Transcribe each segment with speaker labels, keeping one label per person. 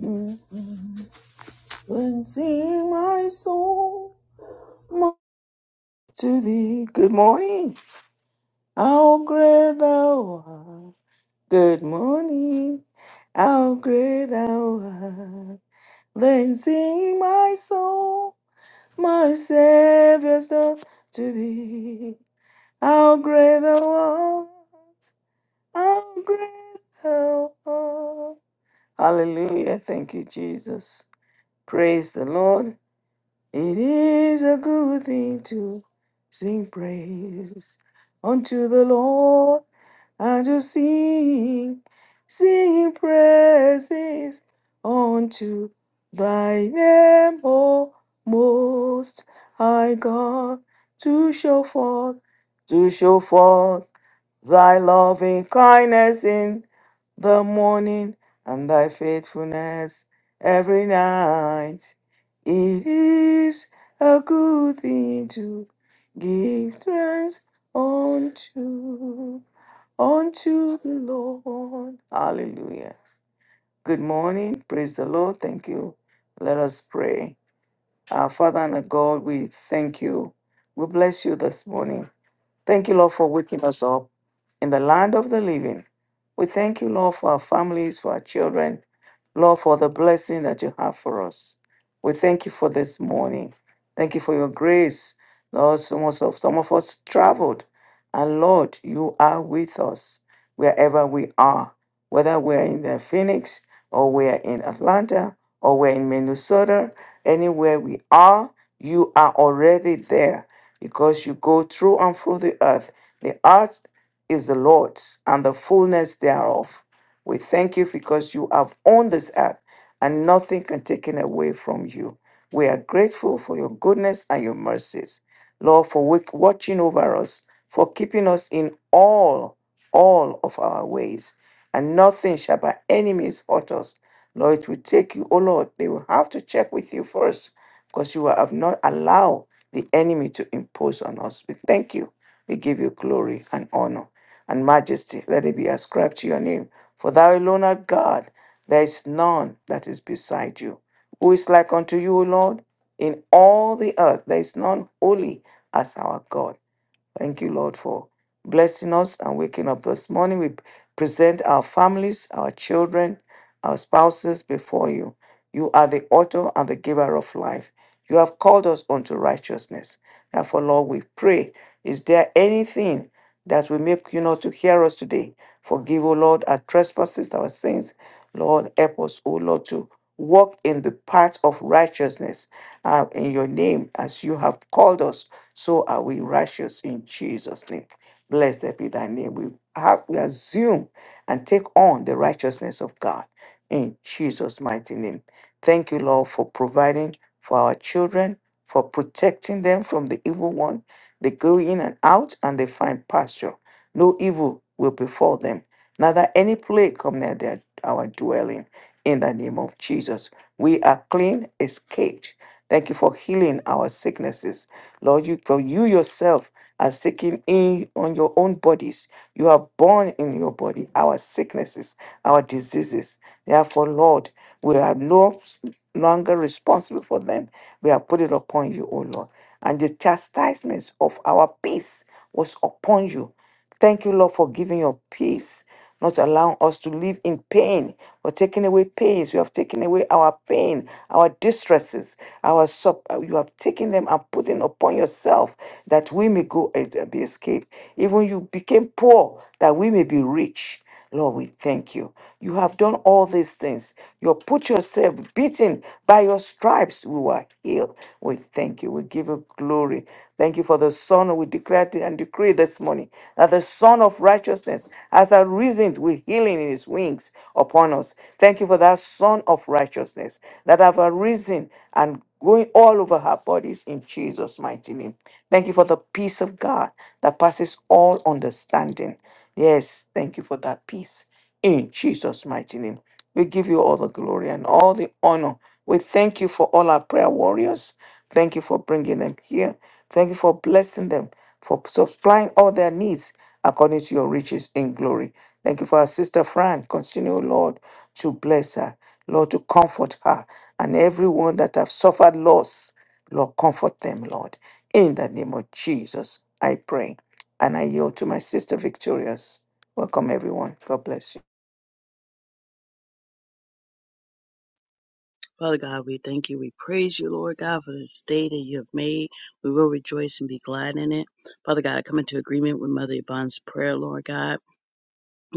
Speaker 1: And sing my soul mo- to thee. Good morning. How great thou art. Good morning. How great thou art. Then sing my soul, my Savior's love to thee. How great thou art. How great thou art. Hallelujah. Thank you, Jesus. Praise the Lord. It is a good thing to sing praise unto the Lord and to sing, sing praises unto thy name, O most high God, to show forth, to show forth thy loving kindness the morning and thy faithfulness every night. It is a good thing to give thanks unto unto the Lord. Hallelujah. Good morning. Praise the Lord. Thank you. Let us pray. Our Father and our God, we thank you. We bless you this morning. Thank you, Lord, for waking us up in the land of the living. We thank you, Lord, for our families, for our children, Lord, for the blessing that you have for us. We thank you for this morning. Thank you for your grace. Lord, some of, us- some of us traveled. And Lord, you are with us wherever we are, whether we are in the Phoenix or we are in Atlanta or we're in Minnesota, anywhere we are, you are already there because you go through and through the earth. The earth is the Lord's and the fullness thereof. We thank you because you have owned this earth and nothing can take it away from you. We are grateful for your goodness and your mercies. Lord, for wa- watching over us, for keeping us in all, all of our ways. And nothing shall by any means hurt us Lord, it will take you, oh Lord, they will have to check with you first because you have not allowed the enemy to impose on us. We thank you. We give you glory and honor and majesty. Let it be ascribed to your name. For thou alone art God. There is none that is beside you. Who is like unto you, O Lord? In all the earth, there is none holy as our God. Thank you, Lord, for blessing us and waking up this morning. We present our families, our children, our spouses before you. You are the author and the giver of life. You have called us unto righteousness. Therefore, Lord, we pray. Is there anything that will make you not to hear us today? Forgive, O Lord, our trespasses, our sins. Lord, help us, O Lord, to walk in the path of righteousness uh, in your name as you have called us. So are we righteous in Jesus' name. Blessed be thy name. We have we assume and take on the righteousness of God in Jesus' mighty name. Thank you, Lord, for providing for our children, for protecting them from the evil one. They go in and out and they find pasture. No evil will befall them. Neither any plague come near their, our dwelling. In the name of Jesus, we are clean, escaped. Thank you for healing our sicknesses, Lord. You for you yourself are taken in on your own bodies. You are born in your body, our sicknesses, our diseases. Therefore, Lord, we are no longer responsible for them. We have put it upon you, O Lord. And the chastisements of our peace was upon you. Thank you, Lord, for giving your peace, not allowing us to live in pain or taking away pains. You have taken away our pain, our distresses, our sub. You have taken them and put them upon yourself that we may go and be escaped. Even you became poor that we may be rich. Lord, we thank you. You have done all these things. You have put yourself beaten by your stripes. We were healed. We thank you. We give you glory. Thank you for the Son. We declare and decree this morning that the Son of righteousness has arisen with healing in his wings upon us. Thank you for that Son of righteousness that have arisen and going all over our bodies in Jesus' mighty name. Thank you for the peace of God that passes all understanding. Yes, thank you for that peace. In Jesus' mighty name, we give you all the glory and all the honor. We thank you for all our prayer warriors. Thank you for bringing them here. Thank you for blessing them, for supplying all their needs according to your riches in glory. Thank you for our sister Fran. Continue, Lord, to bless her, Lord, to comfort her and everyone that have suffered loss. Lord, comfort them, Lord. In the name of Jesus, I pray. And I yield to my sister Victorious. Welcome, everyone. God bless you.
Speaker 2: Father God, we thank you. We praise you, Lord God, for this day that you have made. We will rejoice and be glad in it. Father God, I come into agreement with Mother Yvonne's prayer, Lord God.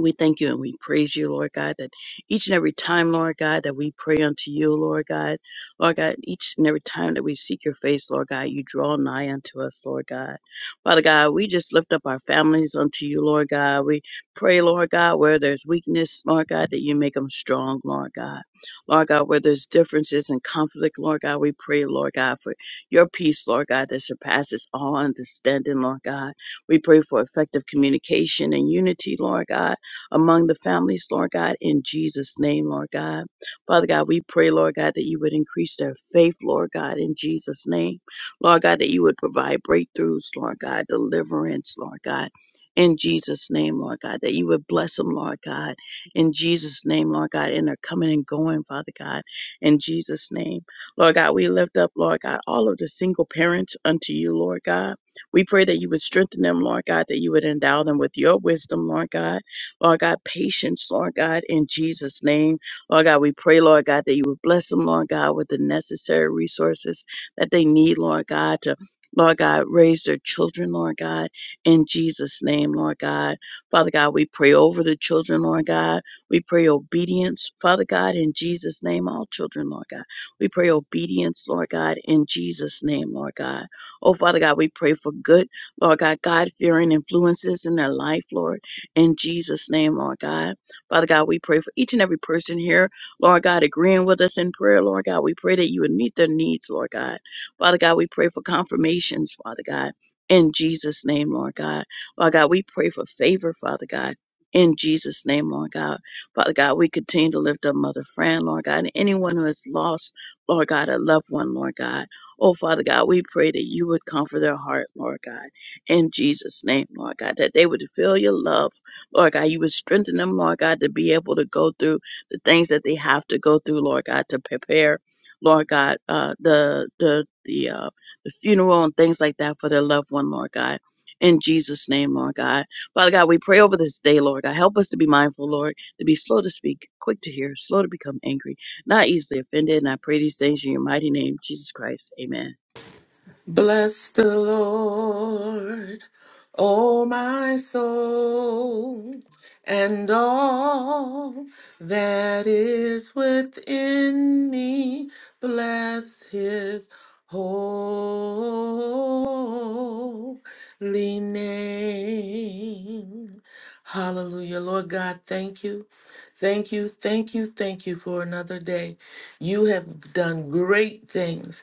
Speaker 2: We thank you and we praise you, Lord God, that each and every time, Lord God, that we pray unto you, Lord God, Lord God, each and every time that we seek your face, Lord God, you draw nigh unto us, Lord God. Father God, we just lift up our families unto you, Lord God. We pray, Lord God, where there's weakness, Lord God, that you make them strong, Lord God. Lord God, where there's differences and conflict, Lord God, we pray, Lord God, for your peace, Lord God, that surpasses all understanding, Lord God. We pray for effective communication and unity, Lord God among the families, Lord God, in Jesus' name, Lord God. Father God, we pray, Lord God, that you would increase their faith, Lord God, in Jesus' name. Lord God, that you would provide breakthroughs, Lord God, deliverance, Lord God. In Jesus' name, Lord God, that you would bless them, Lord God. In Jesus' name, Lord God, in their coming and going, Father God. In Jesus' name, Lord God, we lift up, Lord God, all of the single parents unto you, Lord God. We pray that you would strengthen them, Lord God, that you would endow them with your wisdom, Lord God Lord God, patience, Lord God, in Jesus' name. Lord God, we pray, Lord God, that you would bless them, Lord God, with the necessary resources that they need, Lord God, to Lord God, raise their children, Lord God, in Jesus' name, Lord God. Father God, we pray over the children, Lord God. We pray obedience, Father God, in Jesus' name, all children, Lord God. We pray obedience, Lord God, in Jesus' name, Lord God. Oh, Father God, we pray for good, Lord God, God fearing influences in their life, Lord in Jesus' name, Lord God. Father God, we pray for each and every person here, Lord God, agreeing with us in prayer, Lord God. We pray that you would meet their needs, Lord God. Father God, we pray for confirmations, Father God, in Jesus' name, Lord God. Lord God, we pray for favor, Father God. In Jesus' name, Lord God. Father God, we continue to lift up Mother Fran, Lord God, and anyone who has lost, Lord God, a loved one, Lord God. Oh, Father God, we pray that you would comfort their heart, Lord God in Jesus' name, Lord God, that they would feel your love, Lord God, you would strengthen them, Lord God, to be able to go through the things that they have to go through, Lord God, to prepare, Lord God, uh, the the the uh, the funeral and things like that for their loved one, Lord God. In Jesus' name, Lord God. Father God, we pray over this day, Lord God. Help us to be mindful, Lord, to be slow to speak, quick to hear, slow to become angry, not easily offended. And I pray these things in your mighty name, Jesus Christ. Amen.
Speaker 3: Bless the Lord, O my soul, and all that is within me. Bless his holy name. Hallelujah. Lord God, thank you. Thank you, thank you, thank you for another day. You have done great things.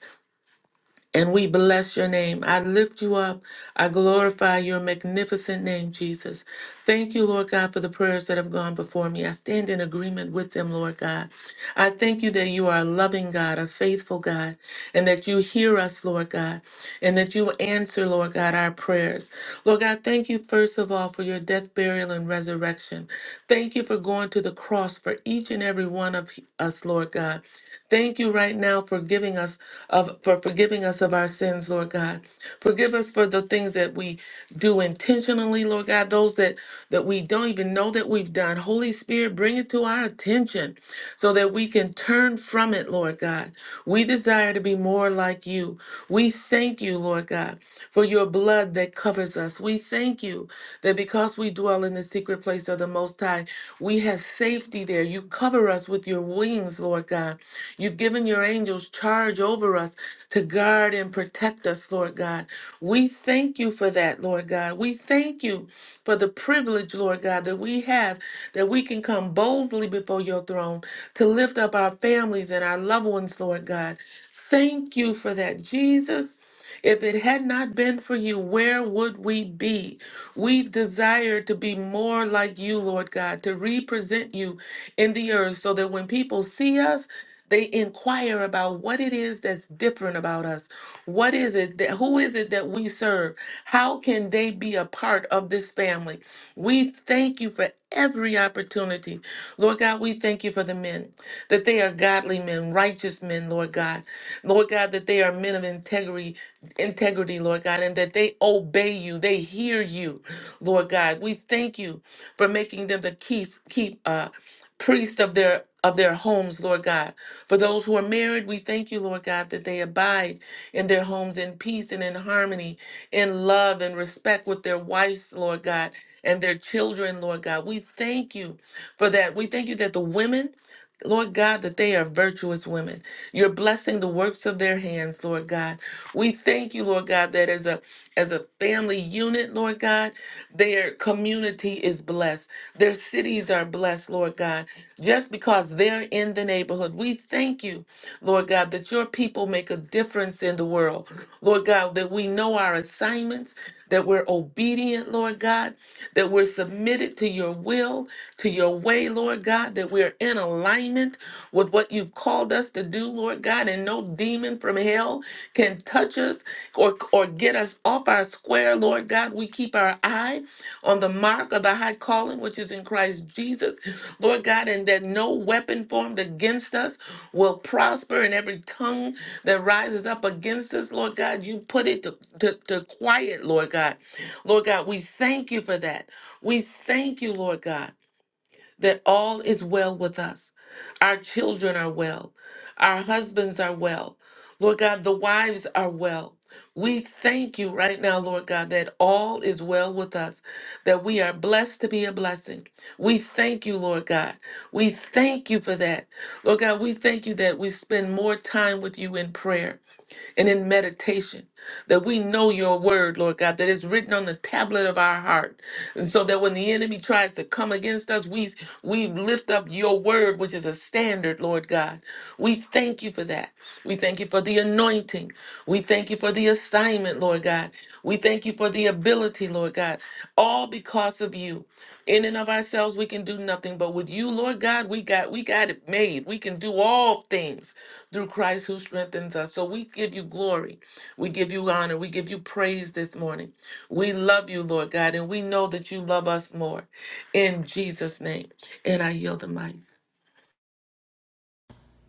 Speaker 3: And we bless your name. I lift you up. I glorify your magnificent name, Jesus. Thank you, Lord God, for the prayers that have gone before me. I stand in agreement with them, Lord God. I thank you that you are a loving God, a faithful God, and that you hear us, Lord God, and that you answer, Lord God, our prayers. Lord God, thank you, first of all, for your death, burial, and resurrection. Thank you for going to the cross for each each and every one of us, Lord God. Thank you right now for giving us of for forgiving us of our sins, Lord God. Forgive us for the things that we do intentionally, Lord God, those that that we don't even know that we've done. Holy Spirit, bring it to our attention so that we can turn from it, Lord God. We desire to be more like you. We thank you, Lord God, for your blood that covers us. We we thank you that because we dwell in the secret place of the Most High, we have safety there. You cover us with your wings, Lord God. You've given your angels charge over us to guard and protect us, Lord God. We thank you for that, Lord God. We thank you for the privilege, Lord God, that we have that we can come boldly before your throne to lift up our families and our loved ones, Lord God. Thank you for that, Jesus. If it had not been for you, where would we be? We desire to be more like you, Lord God, to represent you in the earth so that when people see us, they inquire about what it is that's different about us. What is it that who is it that we serve? How can they be a part of this family? We thank you for every opportunity. Lord God, we thank you for the men, that they are godly men, righteous men, Lord God. Lord God, that they are men of integrity, integrity, Lord God, and that they obey you, they hear you, Lord God. We thank you for making them the key, key uh, priest of their of their homes, Lord God. For those who are married, we thank you, Lord God, that they abide in their homes in peace and in harmony, in love and respect with their wives, Lord God, and their children, Lord God. We thank you for that. We thank you that the women Lord God, that they are virtuous women. You're blessing the works of their hands, Lord God. We thank you, Lord God, that as a as a family unit, Lord God, their community is blessed. Their cities are blessed, Lord God, just because they're in the neighborhood. We thank you, Lord God, that your people make a difference in the world. Lord God, that we know our assignments, that we're obedient, Lord God, that we're submitted to your will, to your way, Lord God, that we're in alignment with what you've called us to do, Lord God, and no demon from hell can touch us or, or get us off our square, Lord God. We keep our eye on the mark of the high calling, which is in Christ Jesus, Lord God, and that no weapon formed against us will prosper, and every tongue that rises up against us, Lord God, you put it to, to, to quiet, Lord God. Lord God, we thank you for that. We thank you, Lord God that all is well with us. Our children are well. Our husbands are well. Lord God, the wives are well. We thank you right now, Lord God, that all is well with us, that we are blessed to be a blessing. We thank you, Lord God. We thank you for that. Lord God, we thank you that we spend more time with you in prayer and in meditation, that we know your word, Lord God, that is written on the tablet of our heart. And so that when the enemy tries to come against us, we we lift up your word, which is a standard, Lord God. We thank you for that. We thank you for the anointing. We thank you for the assignment, Lord God. We thank you for the ability, Lord God. All because of you. In and of ourselves, we can do nothing, but with you, Lord God, we got we got it made. We can do all things through Christ who strengthens us. So we give you glory. We give you honor. We give you praise this morning. We love you, Lord God, and we know that you love us more. In Jesus' name. And I yield the mic.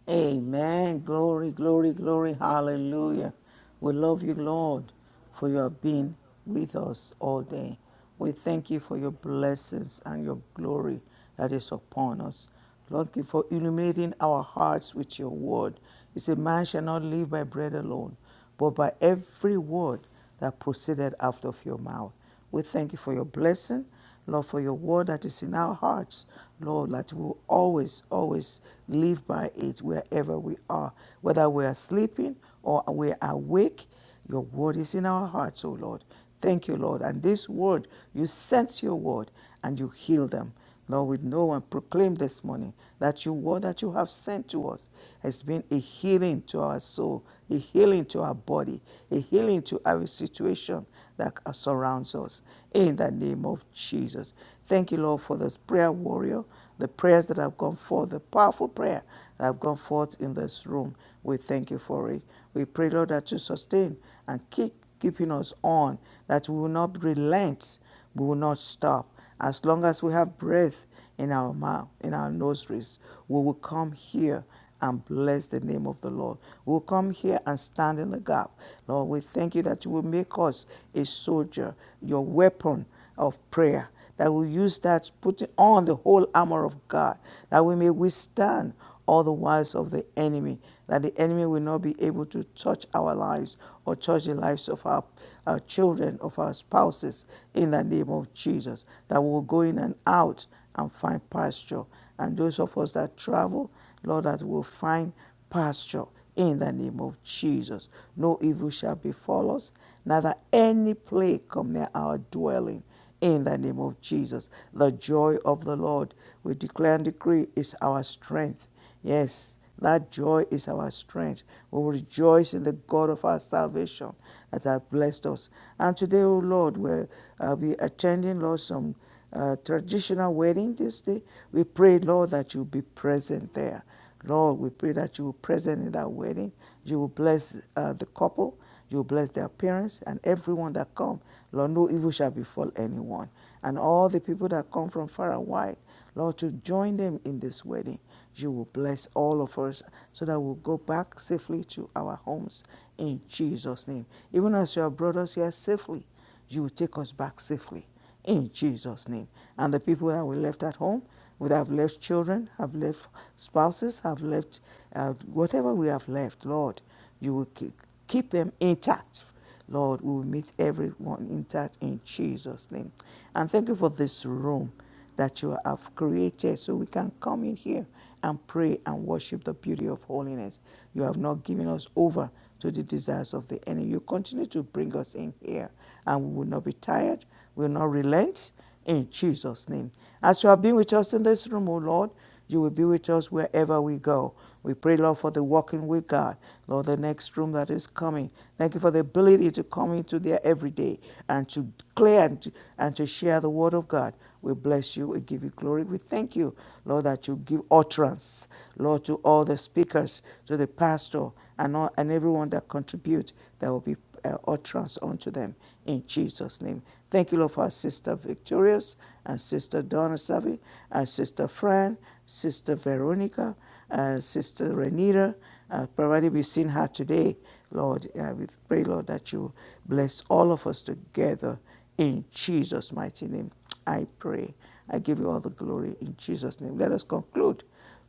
Speaker 1: Amen. Glory, glory, glory. Hallelujah. We love you, Lord, for you have been with us all day. We thank you for your blessings and your glory that is upon us. Lord, thank you for illuminating our hearts with your word. You say, Man shall not live by bread alone, but by every word that proceeded out of your mouth. We thank you for your blessing, Lord, for your word that is in our hearts, Lord, that we will always, always live by it wherever we are, whether we are sleeping or we are awake. Your word is in our hearts, O Lord. Thank you, Lord. And this word, you sent your word and you healed them. Lord, we know and proclaim this morning that your word that you have sent to us has been a healing to our soul, a healing to our body, a healing to our situation, that uh, surrounds us. In the name of Jesus. Thank you, Lord, for this prayer warrior, the prayers that have gone forth, the powerful prayer that have gone forth in this room. We thank you for it. We pray, Lord, that you sustain and keep keeping us on, that we will not relent we will not stop. As long as we have breath in our mouth, in our nostrils, we will come here and bless the name of the Lord. We'll come here and stand in the gap. Lord, we thank you that you will make us a soldier, your weapon of prayer that we use that putting on the whole armor of God, that we may withstand all the wiles of the enemy, that the enemy will not be able to touch our lives or touch the lives of our, our children, of our spouses, in the name of Jesus, that we will go in and out and find pasture. And those of us that travel, Lord, that we'll find pasture in the name of Jesus. No evil shall befall us, neither any plague come near our dwelling in the name of Jesus. The joy of the Lord, we declare and decree, is our strength Yes, that joy is our strength. We will rejoice in the God of our salvation that has blessed us. And today, O oh Lord, we'll uh, be attending, Lord, some uh, traditional wedding this day. We pray, Lord, that you be present there. Lord, we pray that you will be present in that wedding. You will bless uh, the couple. You will bless their parents and everyone that come. Lord, no evil shall befall anyone. And all the people that come from far and wide, Lord, to join them in this wedding you will bless all of us so that we'll go back safely to our homes in Jesus' name. Even as you have brought us here safely, you will take us back safely in Jesus' name. And the people that were left at home, we have left children, have left spouses, have left uh, whatever we have left, Lord, you will keep, keep them intact. Lord, we will meet everyone intact in Jesus' name. And thank you for this room that you have created so we can come in here and pray and worship the beauty of holiness. You have not given us over to the desires of the enemy. You continue to bring us in here and we will not be tired, we will not relent in Jesus' name. As you have been with us in this room, O Lord, you will be with us wherever we go. We pray, Lord, for the walking with God. Lord, the next room that is coming. Thank you for the ability to come into there every day and to declare and to, and to share the word of God. We bless you. We give you glory. We thank you, Lord, that you give utterance, Lord, to all the speakers, to the pastor, and all, and everyone that contribute. There will be uh, utterance unto them in Jesus' name. Thank you, Lord, for our sister Victorious and sister Donna Savi, and sister Fran, sister Veronica, and sister Renita. Uh, probably we've seen her today, Lord. Uh, we pray, Lord, that you bless all of us together in Jesus' mighty name. I pray. I give you all the glory in Jesus' name. Let us conclude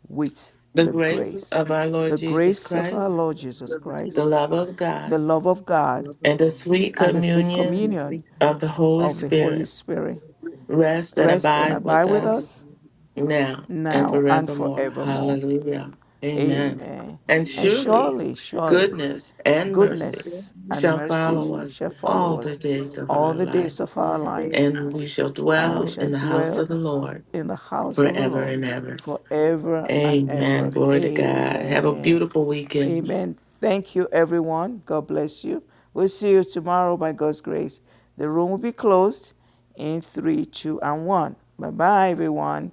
Speaker 1: with
Speaker 3: The
Speaker 1: the
Speaker 3: grace
Speaker 1: grace.
Speaker 3: of our Lord
Speaker 1: The
Speaker 3: Jesus
Speaker 1: grace of our
Speaker 3: Christ,
Speaker 2: Praise
Speaker 1: Lord
Speaker 2: the
Speaker 1: Jesus
Speaker 2: Lord Lord
Speaker 3: the
Speaker 1: Christ,
Speaker 2: Jesus
Speaker 3: love of
Speaker 2: Christ,
Speaker 1: the
Speaker 3: God,
Speaker 1: love of
Speaker 2: the
Speaker 1: God,
Speaker 2: love of
Speaker 3: and the
Speaker 2: God,
Speaker 3: sweet
Speaker 1: and the sweet
Speaker 2: and the
Speaker 3: communion
Speaker 2: sweet
Speaker 1: communion
Speaker 3: of the
Speaker 2: communion
Speaker 3: Holy
Speaker 1: of the Holy
Speaker 3: Spirit
Speaker 2: of the
Speaker 1: Spirit
Speaker 2: Holy Spirit.
Speaker 3: rest and
Speaker 1: rest and
Speaker 3: abide
Speaker 1: abide
Speaker 3: with
Speaker 1: with
Speaker 2: Bless them
Speaker 3: us
Speaker 2: for
Speaker 1: us
Speaker 2: you
Speaker 3: now and
Speaker 1: now and
Speaker 3: forevermore.
Speaker 2: for
Speaker 1: forevermore.
Speaker 3: Hallelujah.
Speaker 2: everyone.
Speaker 3: Amen.
Speaker 1: Amen.
Speaker 3: And
Speaker 1: And
Speaker 2: Amen.
Speaker 3: surely
Speaker 1: surely, surely,
Speaker 2: Surely
Speaker 3: goodness and mercy
Speaker 1: goodness
Speaker 2: goodness
Speaker 1: and
Speaker 3: shall
Speaker 1: mercy
Speaker 2: and
Speaker 3: follow us
Speaker 1: shall
Speaker 2: mercy
Speaker 3: all
Speaker 1: follow
Speaker 3: the
Speaker 1: us
Speaker 2: will
Speaker 3: days
Speaker 2: follow
Speaker 3: of
Speaker 1: all
Speaker 3: our
Speaker 2: us
Speaker 1: the days
Speaker 3: life,
Speaker 1: of
Speaker 2: all
Speaker 1: our
Speaker 2: the days
Speaker 1: lives,
Speaker 2: of
Speaker 3: and
Speaker 2: our
Speaker 3: we
Speaker 2: life.
Speaker 3: shall
Speaker 1: and we
Speaker 3: dwell
Speaker 1: shall
Speaker 3: in the
Speaker 2: We
Speaker 3: house
Speaker 1: dwell
Speaker 3: of the
Speaker 2: shall
Speaker 3: Lord
Speaker 2: dwell
Speaker 1: in the
Speaker 2: in
Speaker 1: house
Speaker 2: the
Speaker 1: of the
Speaker 2: house of
Speaker 3: forever
Speaker 2: the
Speaker 1: Lord
Speaker 3: and
Speaker 2: Lord
Speaker 3: ever.
Speaker 1: forever
Speaker 2: forever
Speaker 1: and
Speaker 2: and
Speaker 3: Amen.
Speaker 1: ever.
Speaker 2: ever.
Speaker 3: Glory to God. Have a
Speaker 2: Amen.
Speaker 1: Amen.
Speaker 3: beautiful weekend.
Speaker 1: Amen. Thank you, everyone. God bless you. We'll see you tomorrow by God's grace. The room will be closed in three, two, and one. Bye bye, everyone.